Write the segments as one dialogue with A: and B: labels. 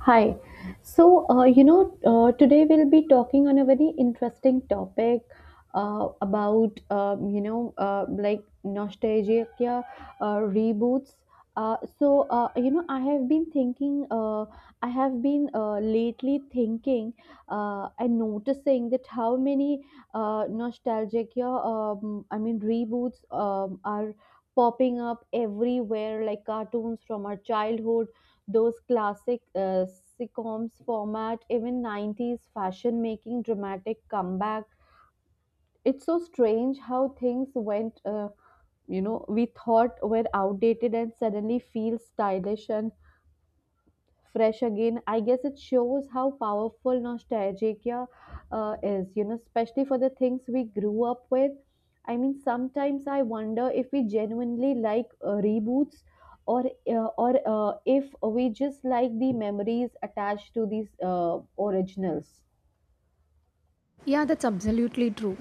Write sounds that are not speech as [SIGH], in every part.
A: Hi. Today we'll be talking on a very interesting topic about, like nostalgia reboots. I have been lately thinking and noticing that how many nostalgia, reboots are popping up everywhere, like cartoons from our childhood, those classic sitcoms format, even 90s fashion making dramatic comeback. It's so strange how things we thought were outdated and suddenly feel stylish and fresh again. I guess it shows how powerful nostalgia is, you know, especially for the things we grew up with. I mean, sometimes I wonder if we genuinely like reboots or if we just like the memories attached to these originals.
B: Yeah, that's absolutely true.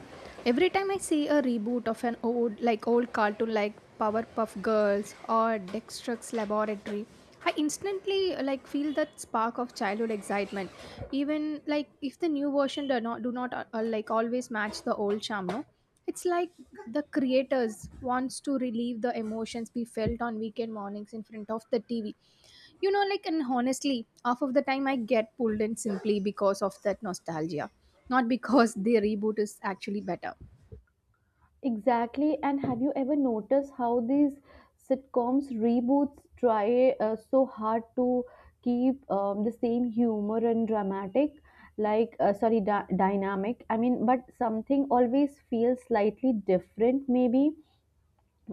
B: Every time I see a reboot of an old, like old cartoon like Powerpuff Girls or Dexter's Laboratory, I instantly like feel that spark of childhood excitement. Even like if the new version do not like always match the old charm, no. It's like the creators wants to relieve the emotions we felt on weekend mornings in front of the TV, you know, like, and honestly half of the time I get pulled in simply because of that nostalgia, not because [LAUGHS] the reboot is actually better.
A: Exactly. And have you ever noticed how these sitcoms reboots try so hard to keep the same humor and dramatic, like sorry, dy dynamic. I mean, but something always feels slightly different. Maybe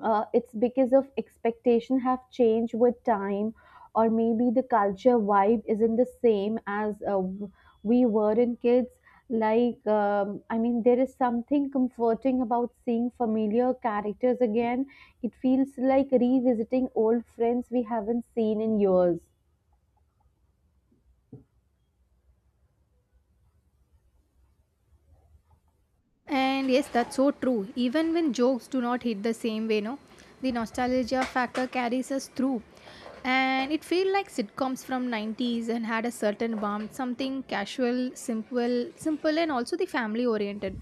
A: it's because of expectation have changed with time, or maybe the culture vibe isn't the same as we were in kids. I mean, there is something comforting about seeing familiar characters again. It feels like revisiting old friends we haven't seen in years.
B: And yes, that's so true. Even when jokes do not hit the same way, no, the nostalgia factor carries us through. And it feel like sitcoms from 90s and had a certain warmth, something casual, simple and also the family oriented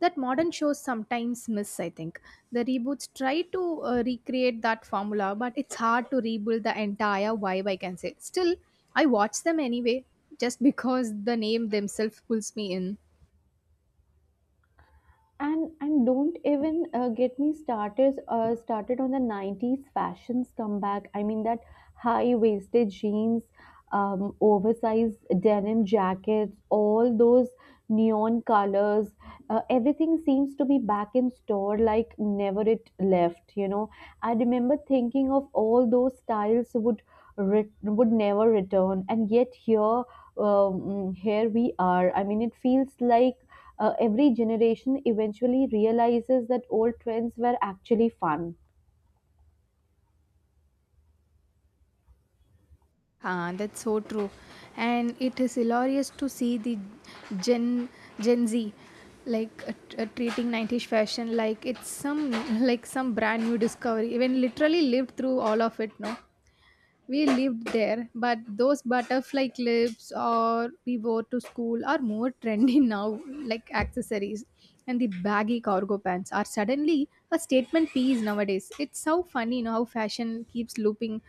B: that modern shows sometimes miss, I think. The reboots try to recreate that formula, but it's hard to rebuild the entire vibe, I can say. Still, I watch them anyway just [LAUGHS] because the name themselves pulls me in.
A: And don't even get me started started on the 90s fashions comeback. I mean that high waisted jeans, oversized denim jackets, all those neon colors, everything seems to be back in store like never it left, you know. I remember thinking of all those styles would would never return, and yet here we are. I mean it feels like every generation eventually realizes that old trends were actually fun.
B: Ah, that's so true. And it is hilarious to see the Gen Gen Z like treating 90s fashion like it's some [LAUGHS] like some brand new discovery. Even literally lived through all of it, no? We lived there, but those butterfly clips or we wore to school are more [LAUGHS] trendy now, like accessories. And the baggy cargo pants are suddenly a statement piece nowadays. It's so funny, you know, how fashion keeps looping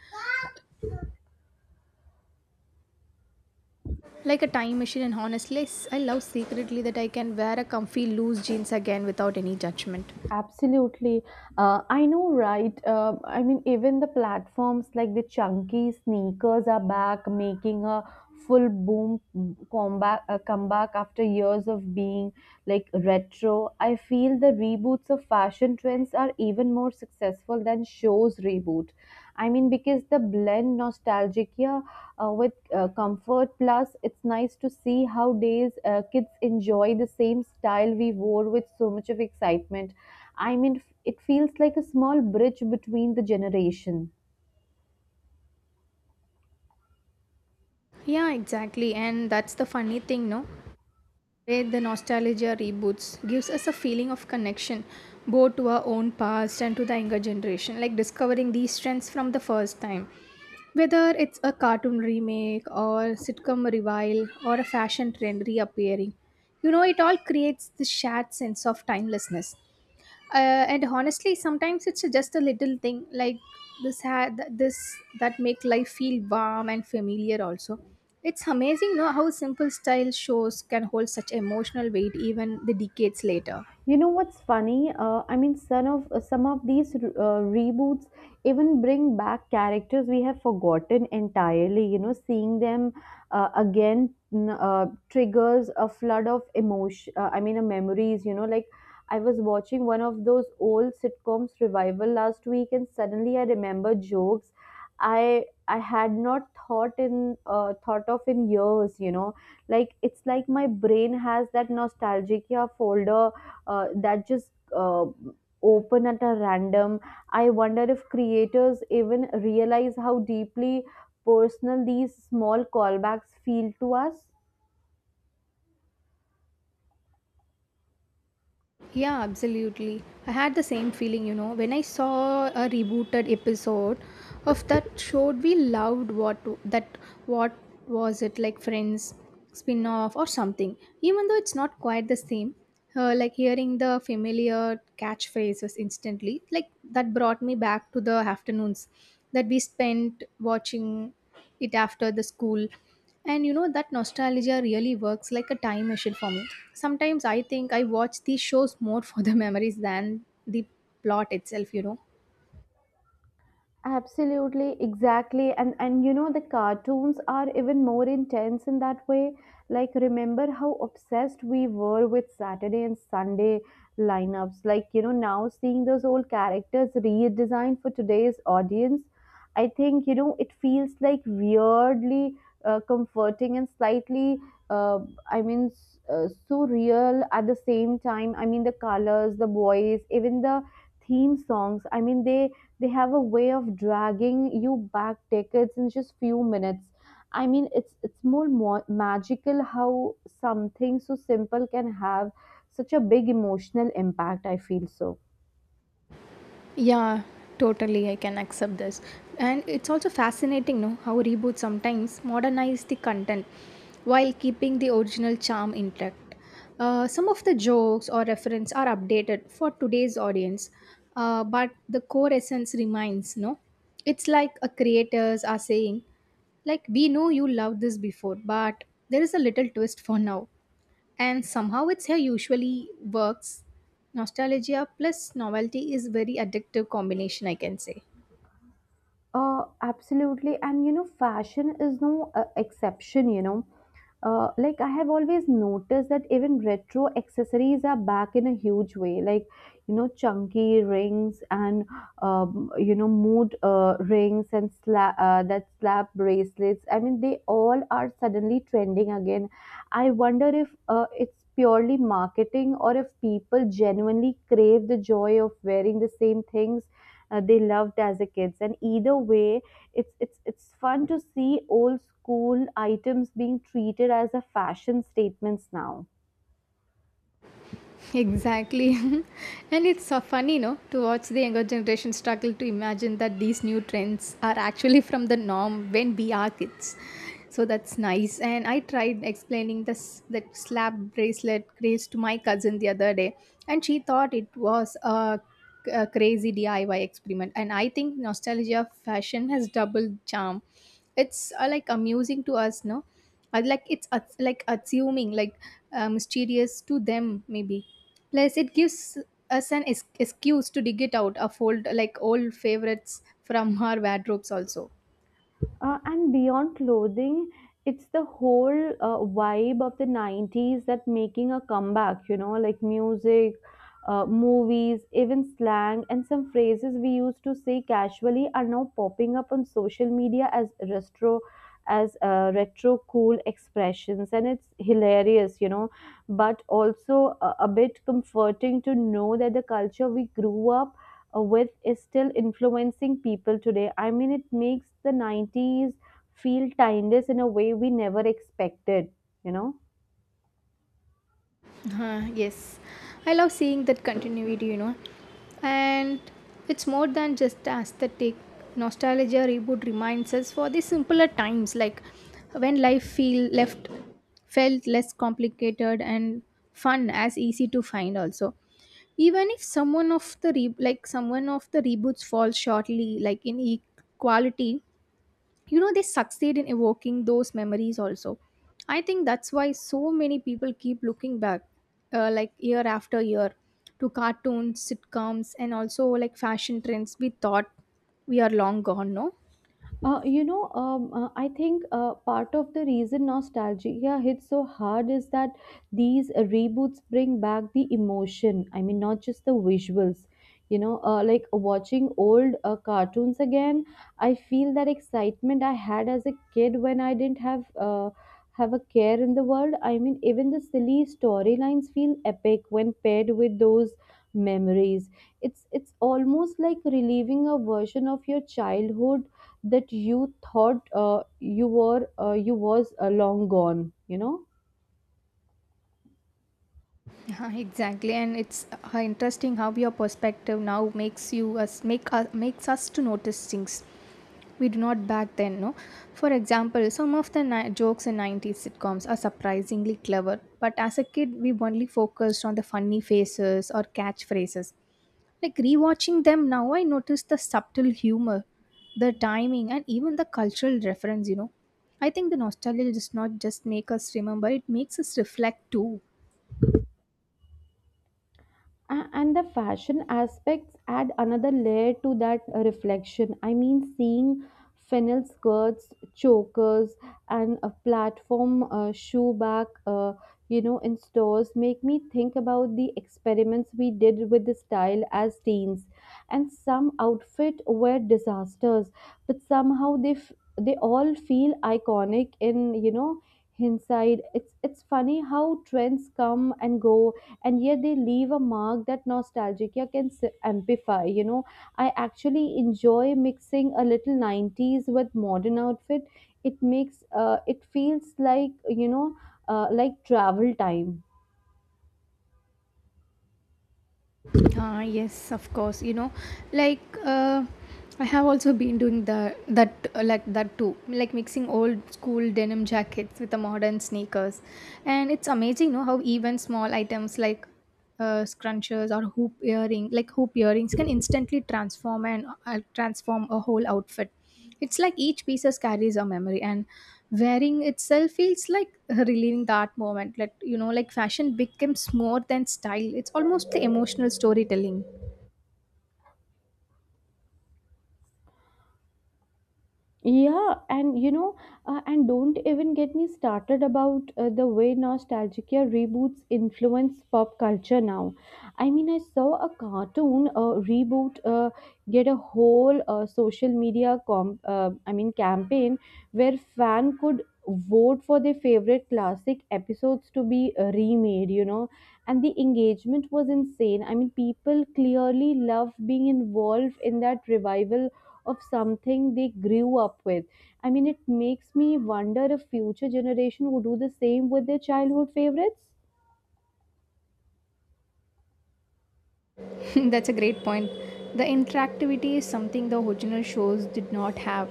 B: like a time machine, and honestly I love secretly that I can wear a comfy loose jeans again without any judgment.
A: Absolutely. I know, right? I mean, even the platforms, like the chunky sneakers, are back, making a full boom comeback after years of being like retro. I feel the reboots of fashion trends are even more successful than shows reboot. I mean, because the blend nostalgia with comfort. Plus, it's nice to see how days kids enjoy the same style we wore with so much of excitement. I mean, it feels like a small bridge between the generation.
B: Yeah, exactly, and that's the funny thing, no, where the nostalgia reboots gives us a feeling of connection, both to our own past and to the younger generation like discovering these trends from the first time. Whether it's a cartoon remake or sitcom revival or a fashion trend reappearing, you know, it all creates this shared sense of timelessness. And honestly sometimes it's just a little thing like this that make life feel warm and familiar also. It's amazing, no, how simple style shows can hold such emotional weight even the decades later.
A: You know what's funny? I mean, some of these reboots even bring back characters we have forgotten entirely. You know, seeing them triggers a flood of emotion. Memories. You know, like I was watching one of those old sitcoms revival last week, and suddenly I remember jokes I had not thought of in years. You know, like it's like my brain has that nostalgia folder that just uh, open at a random. I wonder if creators even realize how deeply personal these small callbacks feel to us.
B: Yeah, absolutely. I had the same feeling, you know, when I saw a rebooted episode of that show we loved. What that what was it, like Friends spin-off or something. Even though it's not quite the same, like hearing the familiar catchphrases instantly, like that brought me back to the afternoons that we spent watching it after the school. And you know, that nostalgia really works like a time machine for me. Sometimes I think I watch these shows more for the [LAUGHS] memories than the plot itself, you know.
A: Absolutely, exactly. And you know, the cartoons are even more intense in that way. Like, remember how obsessed we were with Saturday and Sunday lineups. Like, you know, now seeing those old characters redesigned for today's audience, I think, you know, it feels like weirdly comforting and slightly uh, surreal at the same time. I mean the colors, the voice, even the theme songs. I mean they have a way of dragging you back decades in just few minutes. I mean it's more magical how something so simple can have such a big emotional impact, I feel so.
B: Yeah, totally. I can accept this. And it's also fascinating, no, how reboots sometimes modernize the content while keeping the original charm intact. Some of the jokes or reference are updated for today's audience, but the core essence remains, no? It's like a creators are saying, like, we know you loved this before, but there is a little twist for now, and somehow it's hair usually works. Nostalgia plus novelty is very addictive combination, I can say.
A: Absolutely. And you know, fashion is no exception, you know. Like, I have always noticed that even retro accessories are back in a huge way. Like, you know, chunky rings and, you know, mood rings and slap bracelets. I mean, they all are suddenly trending again. I wonder if it's purely marketing or if people genuinely crave the joy of wearing the same things they loved as a kids. And either way, it's fun to see old school items being treated as a fashion statements now.
B: Exactly. [LAUGHS] And it's so funny, no, to watch the younger generation struggle to imagine that these new trends are actually from the norm when we are kids. So that's nice. And I tried explaining this the slap bracelet craze to my cousin the other day, and she thought it was a crazy DIY experiment. And I think nostalgia fashion has double charm. It's like amusing to us, no? I like it's like assuming, like mysterious to them maybe. Plus it gives us an excuse to dig it out a fold like old favorites from [LAUGHS] our wardrobes also.
A: And beyond clothing, it's the whole vibe of the 90s that making a comeback, you know, like music, movies, even slang, and some phrases we used to say casually are now popping up on social media as retro cool expressions. And it's hilarious, you know, but also a bit comforting to know that the culture we grew up with is still influencing people today. I mean, it makes the 90s feel timeless in a way we never expected, you know?
B: Yes, I love seeing that continuity, you know. And it's more than just aesthetic. Nostalgia reboot reminds us for the simpler times, like when life feel left felt less complicated and fun as easy to find also. Even if someone of the like someone of the reboots falls shortly like in quality, you know, they succeed in evoking those memories also. I think that's why so many people keep looking back, like year after year, to cartoons, sitcoms, and also like fashion trends we thought we are long gone, no.
A: I think part of the reason nostalgia hits so hard is that these reboots bring back the emotion. I mean, not just the visuals. You know, like watching old cartoons again, I feel that excitement I had as a kid when I didn't have a care in the world. I mean, even the silly storylines feel epic when paired with those memories. It's almost like reliving a version of your childhood that you thought you were you was long gone, you know.
B: Yeah, [LAUGHS] exactly, and it's interesting how your perspective now makes you us make us makes us to notice things we do not back then. No, for example, some of the jokes in '90s sitcoms are surprisingly clever, but as a kid, we only focused on the funny faces or catchphrases. Like rewatching them now, I notice the subtle humor, the timing, and even the cultural reference. You know, I think the nostalgia does not just make us remember; it makes us reflect too.
A: And the fashion aspects add another layer to that reflection. I mean seeing fennel skirts, chokers, and a platform shoe back, you know, in stores make me think about the experiments we did with the style as teens. And some outfit were disasters, but somehow they all feel iconic in, you know, hindsight. It's funny how trends come and go, and yet they leave a mark that nostalgia can amplify, you know. I actually enjoy mixing a little 90s with modern outfit. It makes it feels like, you know, like travel time.
B: Ah, yes, of course. You know, like I have also been doing the that like that too, like mixing old school denim jackets with the modern sneakers, and it's amazing, you know, how even small items like scrunchers or hoop earrings, can instantly transform and transform a whole outfit. It's like each piece carries a memory, and wearing itself feels like reliving that moment. Like you know, like fashion becomes more than style. It's almost the emotional storytelling.
A: Yeah, and you know, and don't even get me started about the way nostalgia reboots influence pop culture now. I mean, I saw a cartoon reboot get a whole social media com I mean campaign where fan could vote for their favorite classic episodes to be remade, you know, and the engagement was insane. I mean, people clearly love being involved in that revival of something they grew up with. I mean, it makes me wonder if future generation would do the same with their childhood favorites.
B: [LAUGHS] That's a great point. The interactivity is something the original shows did not have.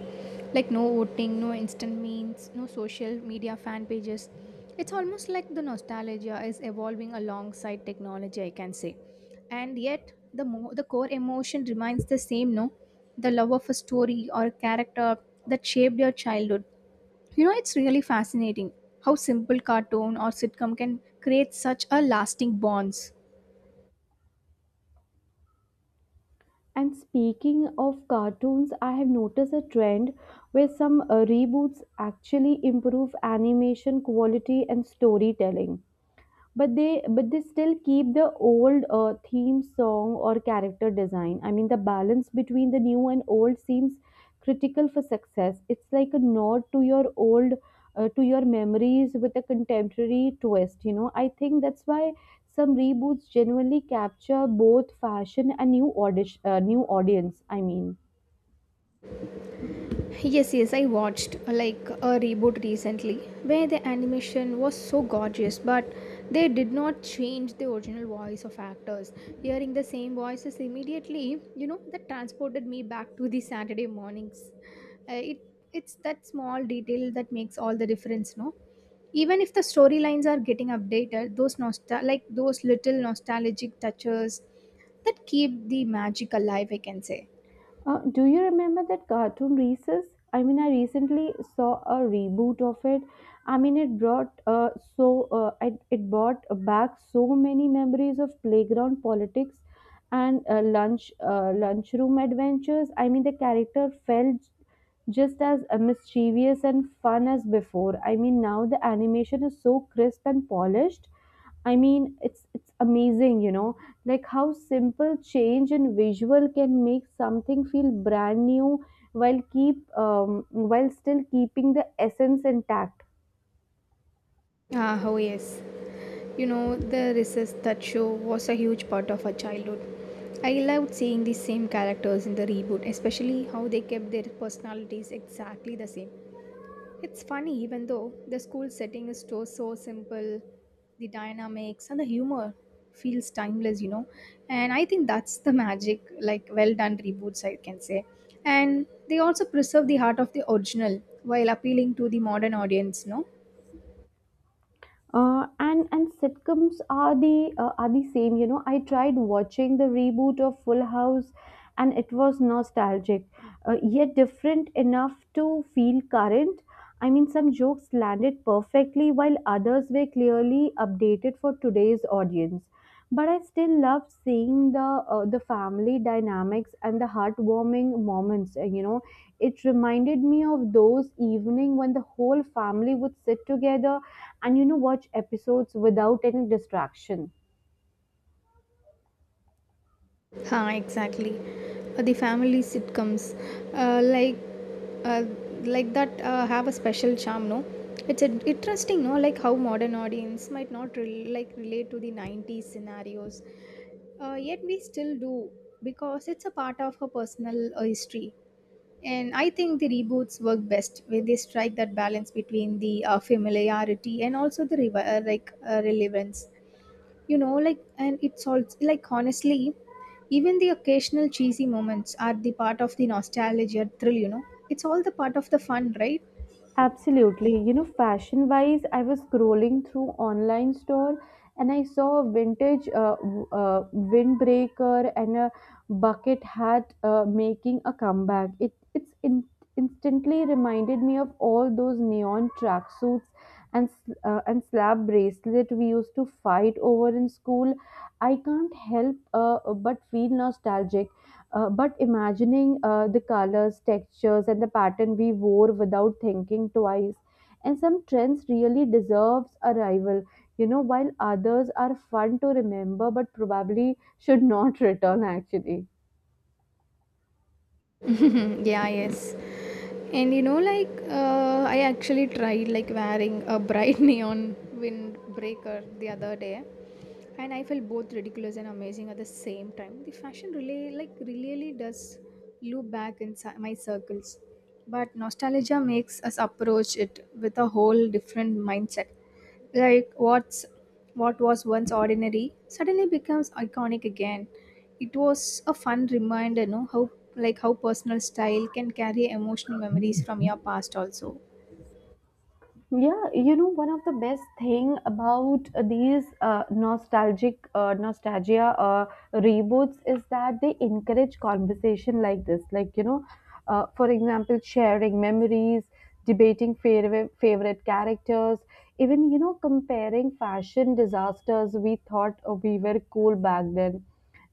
B: Like no voting, no instant memes, no social media fan pages. It's almost like the nostalgia is evolving alongside technology, I can say. And yet, the the core emotion remains the same, no? The love of a story or a character that shaped your childhood. You know, it's really fascinating how simple cartoon or sitcom can create such a lasting bonds.
A: And speaking of cartoons, I have noticed a trend where some reboots actually improve animation quality and storytelling, but they but they still keep the old theme song or character design. I mean the balance between the new and old seems critical for success. It's like a nod to your old to your memories with a contemporary twist, you know. I think that's why some reboots genuinely capture both fashion and new new audience, I mean.
B: Yes, yes, I watched like a reboot recently where the animation was so gorgeous, but they did not change the original voice of actors. Hearing the same voices immediately, you know, that transported me back to the Saturday mornings. Uh, it it's that small detail that makes all the difference, no? Even if the storylines are getting updated, those nostal like those little nostalgic touches that keep the magic alive, I can say.
A: Do you remember that cartoon Recess? I mean, I recently saw a reboot of it. I mean, it it brought back so many memories of playground politics and lunchroom adventures. I mean, the character felt just as mischievous and fun as before. I mean, now the animation is so crisp and polished. I mean, it's amazing, you know, like how simple change in visual can make something feel brand new while keep while still keeping the essence intact.
B: Ah, oh yes. You know, the recess that show was a huge part of our childhood. I loved seeing the same characters in the reboot, especially how they kept their personalities exactly the same. It's funny, even though the school setting is so simple, the dynamics and the humor feels timeless, you know. And I think that's the magic, like well done reboots, I can say. And they also preserve the heart of the original while appealing to the modern audience, no?
A: And sitcoms are the same. You know, I tried watching the reboot of Full House, and it was nostalgic, yet different enough to feel current. I mean, some jokes landed perfectly, while others were clearly updated for today's audience. But I still loved seeing the family dynamics and the heartwarming moments. You know, it reminded me of those evening when the whole family would sit together and, you know, watch episodes without any distraction.
B: Huh, exactly. The family sitcoms, uh, like uh, like that, have a special charm. No, it's interesting. No, like how modern audience might not like relate to the '90s scenarios, yet we still do because it's a part of her personal history. And I think the reboots work best when they strike that balance between the familiarity and also the relevance, you know. Like and it's also like honestly even the occasional cheesy moments are the part of the nostalgia thrill, you know, it's all the part of the fun, right?
A: Absolutely. You know, fashion wise, I was scrolling through online store, and I saw a vintage windbreaker and a bucket hat making a comeback. It instantly reminded me of all those neon tracksuits and slab bracelet we used to fight over in school. I can't help but feel nostalgic. But imagining the colors, textures, and the pattern we wore without thinking twice. And some trends really deserves a rival, you know, while others are fun to remember but probably should not [LAUGHS] return actually.
B: [LAUGHS] Yeah, yes. And you know, like I actually tried like wearing a bright [LAUGHS] neon windbreaker the other day, and I felt both ridiculous and amazing at the same time. The fashion really, like, really does loop back in my circles, but nostalgia makes us approach it with a whole different mindset. Like what was once ordinary suddenly becomes iconic again. It was a fun reminder, no, how like how personal style can carry emotional memories from your past also.
A: Yeah, you know, one of the best thing about these nostalgic nostalgia reboots is that they encourage conversation like this. Like, for example, sharing memories, debating favorite characters, even, comparing fashion disasters we thought we were cool back then.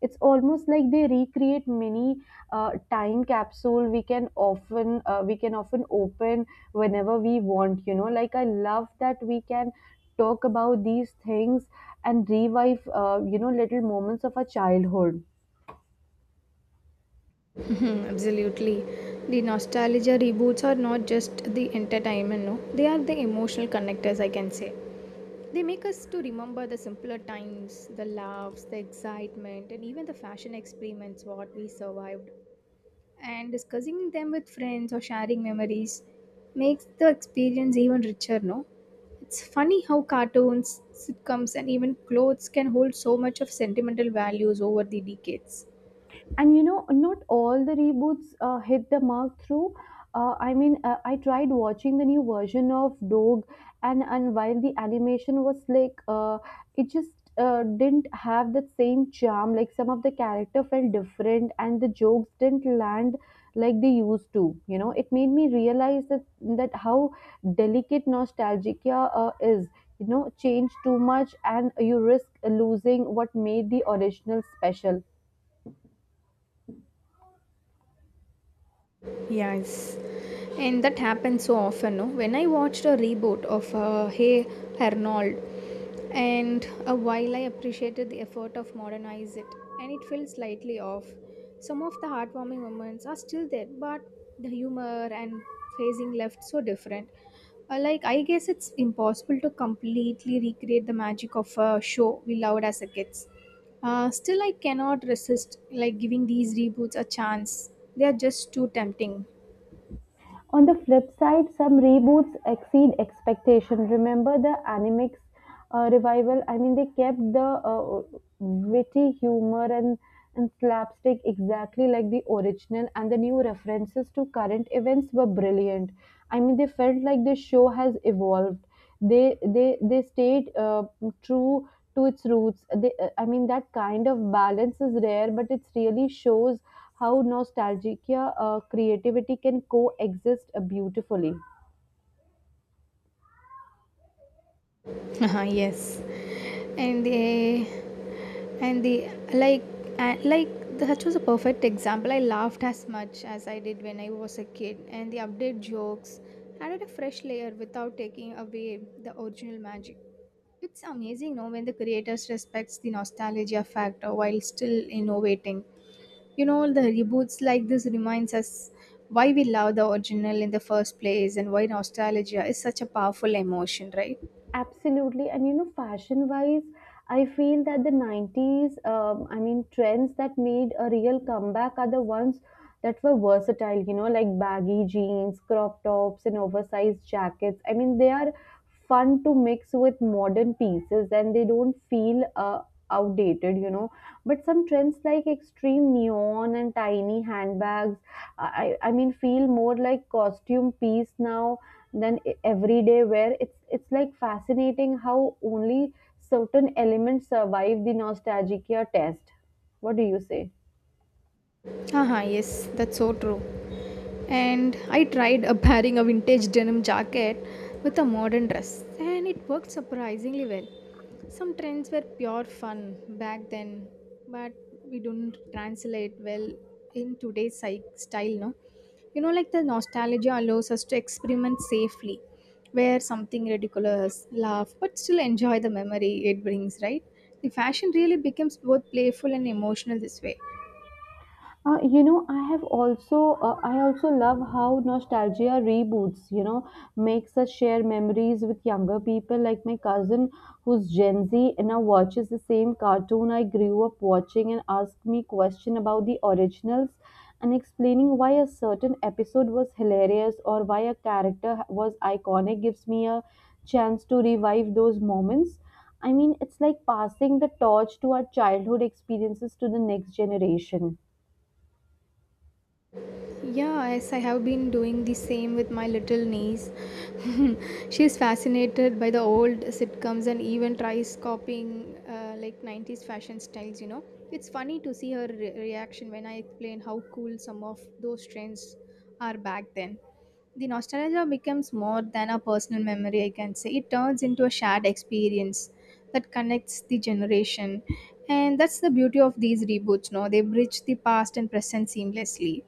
A: It's almost like they recreate mini time capsule we can often open whenever we want, you know, like I love that we can talk about these things and revive little moments of our childhood.
B: Mhm. Absolutely. The nostalgia reboots are not just the entertainment, no. They are the emotional connectors, I can say. They make us to remember the simpler times, the laughs, the excitement, and even the fashion experiments what we survived. And discussing them with friends or sharing memories makes the experience even richer, no. It's funny how cartoons, sitcoms and even clothes can hold so much of sentimental values over the decades.
A: And you know, not all the reboots hit the mark through. I tried watching the new version of dog, and while the animation was like, it just didn't have that same charm. Like, some of the character felt different and the jokes didn't land like they used to. You know, it made me realize that how delicate nostalgia is. You know, change too much and you risk losing what made the original special.
B: Yes. And that happens so often, no, when I watched a reboot of hey arnold. And while I appreciated the effort of modernize it, and it felt slightly off, some of the heartwarming moments are still there, but the humor and phasing left so different. Like I guess it's impossible to completely recreate the magic of a show we loved as a kids. Still, I cannot resist like giving these reboots a chance. They are just too tempting.
A: On the flip side, some reboots exceed expectation. Remember the Animix revival? I mean, they kept the witty humor and slapstick exactly like the original, and the new references to current events were brilliant. I mean, they felt like the show has evolved, they stayed true to its roots. They, I mean That kind of balance is rare, but it really shows how nostalgia, creativity can coexist beautifully.
B: [LAUGHS] Yes. And they and the like that was a perfect example. I laughed as much as I did when I was a kid, and the update jokes added a fresh layer without taking away the original magic. It's amazing, no? When the creators respects the nostalgia factor while still innovating, you know, the reboots like this reminds us why we love the original in the first place, and why nostalgia is such a powerful emotion, right?
A: Absolutely. And you know, fashion wise, I feel that the 90s, trends that made a real comeback are the ones that were versatile, you know, like baggy jeans, crop tops, and oversized jackets. I mean, they are fun to mix with modern pieces and they don't feel outdated, you know. But some trends like extreme neon and tiny handbags, I mean, feel more like costume piece now than everyday wear. It's like fascinating how only certain elements survive the nostalgia test. What do you say?
B: Haha, yes, that's so true. And I tried pairing a vintage denim jacket with a modern dress, and it worked surprisingly well. Some trends were pure fun back then, but we don't translate well in today's psych style, no? You know, like the nostalgia allows us to experiment safely, wear something ridiculous, laugh, but still enjoy the memory it brings, right? The fashion really becomes both playful and emotional this way.
A: Uh, you know, I have also I also love how nostalgia reboots, you know, makes us share memories with younger people, like my cousin who's Gen Z and now watches the same cartoon I grew up watching and asks me question about the originals. And explaining why a certain episode was hilarious or why a character was iconic gives me a chance to revive those moments. I mean, it's like passing the torch to our childhood experiences to the next generation.
B: Yeah, yes, I have been doing the same with my little niece. [LAUGHS] She is fascinated by the old sitcoms and even tries copying like 90s fashion styles. It's funny to see her reaction when I explain how cool some of those trends are back then. The nostalgia becomes more than a personal memory, I can say. It turns into a shared experience that connects the generation. And that's the beauty of these reboots, no? They bridge the past and present seamlessly.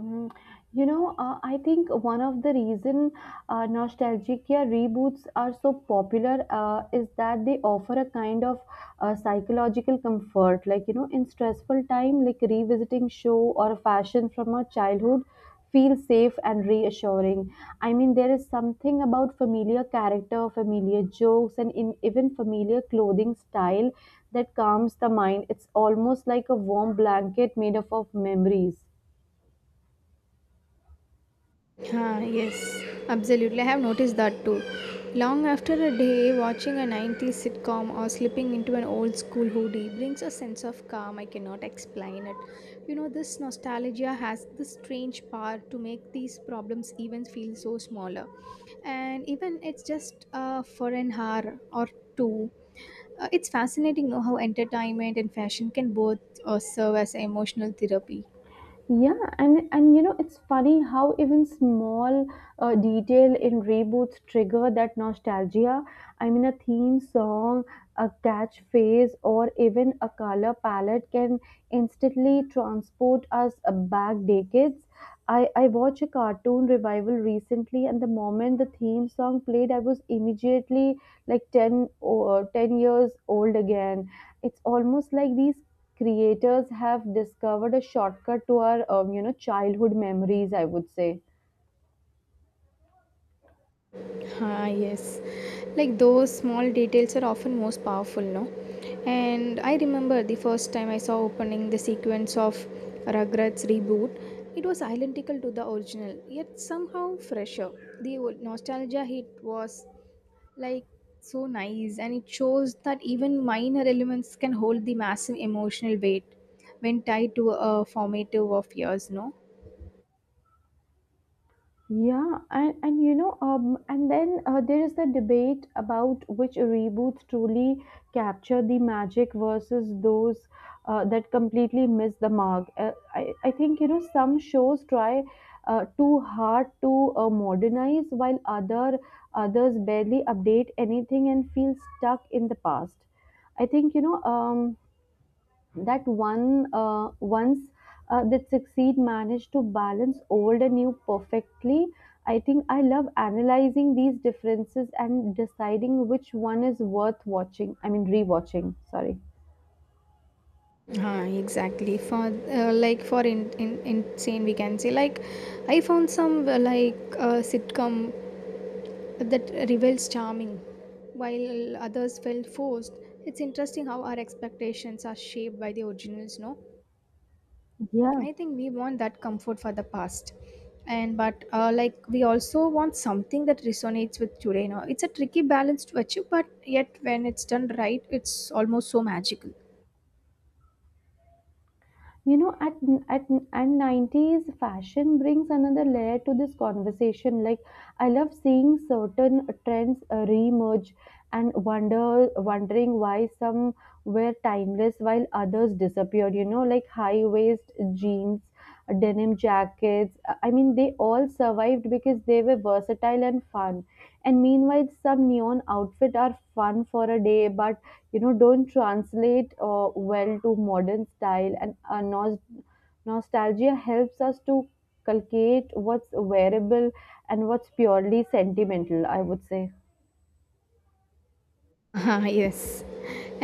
A: Mm, You know, I think one of the reason nostalgic, yeah, reboots are so popular is that they offer a kind of psychological comfort. Like, you know, in stressful time, like revisiting show or fashion from our childhood feels safe and reassuring. I mean, there is something about familiar character, familiar jokes, and in, even familiar clothing style that calms the mind. It's almost like a warm blanket made up of memories.
B: Huh, yes, absolutely. I have noticed that too. Long after a day, watching a 90s sitcom or slipping into an old school hoodie brings a sense of calm. I cannot explain it. You know, this nostalgia has this strange power to make these problems even feel so smaller. And even it's just for an hour or two. It's fascinating know how entertainment and fashion can both serve as emotional therapy.
A: Yeah, and you know, it's funny how even small detail in reboots trigger that nostalgia. I mean, a theme song, a catchphrase, or even a color palette can instantly transport us back decades. I watched a cartoon revival recently, and the moment the theme song played, I was immediately like 10 or 10 years old again. It's almost like these creators have discovered a shortcut to our childhood memories, I would say.
B: Ah, yes. Like those small details are often most powerful, no? And I remember the first time I saw opening the sequence of Rugrats reboot. It was identical to the original, yet somehow fresher. The old nostalgia hit was like so nice, and it shows that even minor elements can hold the massive emotional weight when tied to a formative of years, no?
A: Yeah, and you know, and then there is the debate about which reboots truly capture the magic versus those that completely miss the mark. I think, you know, some shows try too hard to modernize while others barely update anything and feel stuck in the past. I think, you know, that one once that succeed managed to balance old and new perfectly. I think I love analyzing these differences and deciding which one is worth watching, I mean rewatching, sorry.
B: Huh, exactly for like for in insane we can say, like I found some like sitcom that reveals charming, while others felt forced. It's interesting how our expectations are shaped by the originals, no?
A: Yeah.
B: I think we want that comfort for the past, and but like we also want something that resonates with today, no? It's a tricky balance to achieve, but yet when it's done right, it's almost so magical.
A: You know, at and 90s fashion brings another layer to this conversation. Like, I love seeing certain trends re and wondering why some were timeless while others disappeared. You know, like high waist jeans, denim jackets. I mean, they all survived because they were versatile and fun. And meanwhile, some neon outfit are fun for a day, but you know, don't translate well to modern style. And nostalgia helps us to calculate what's wearable and what's purely sentimental, I would say.
B: Ah, yes.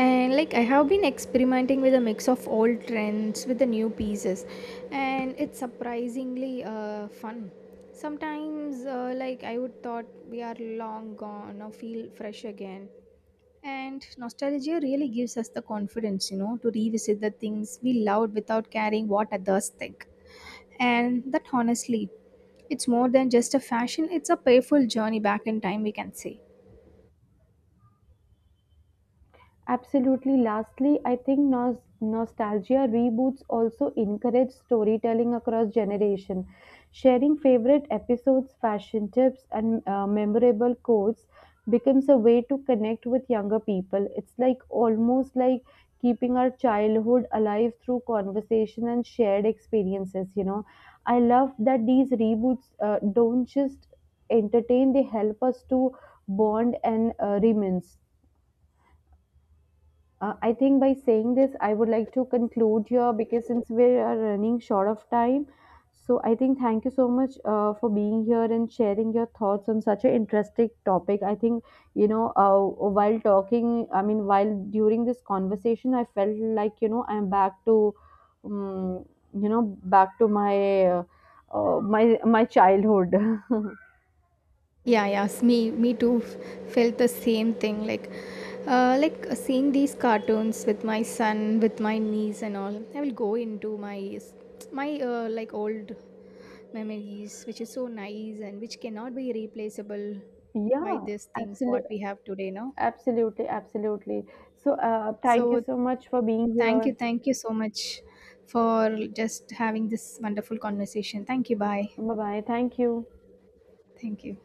B: And like I have been experimenting with a mix of old trends with the new pieces, and it's surprisingly fun. Sometimes, like I would thought we are long gone or feel fresh again. And nostalgia really gives us the confidence, you know, to revisit the things we loved without caring what others think. And that honestly, it's more than just a fashion, it's a painful journey back in time, we can say.
A: Absolutely. Lastly, I think nostalgia reboots also encourage storytelling across generation. Sharing favorite episodes, fashion tips, and memorable quotes becomes a way to connect with younger people. It's like almost like keeping our childhood alive through conversation and shared experiences. You know, I love that these reboots don't just entertain; they help us to bond and reminisce. I think by saying this, I would like to conclude here because since we are running short of time, so I think thank you so much for being here and sharing your thoughts on such an interesting topic. I think you know uh, while talking, I mean while during this conversation, I felt like, you know, I'm back to, um, you know, back to my my childhood. [LAUGHS]
B: Yeah, yes, me too felt the same thing. Like seeing these cartoons with my son, with my niece, and all. I will go into my my like old memories, which is so nice and which cannot be replaceable by
A: Yeah,
B: these things what
A: absolutely,
B: we have today. No,
A: absolutely, absolutely. So, thank you
B: so
A: so much for being
B: thank
A: here.
B: you, so much for just having this wonderful conversation. Thank you, bye.
A: Bye bye. Thank you.
B: Thank you.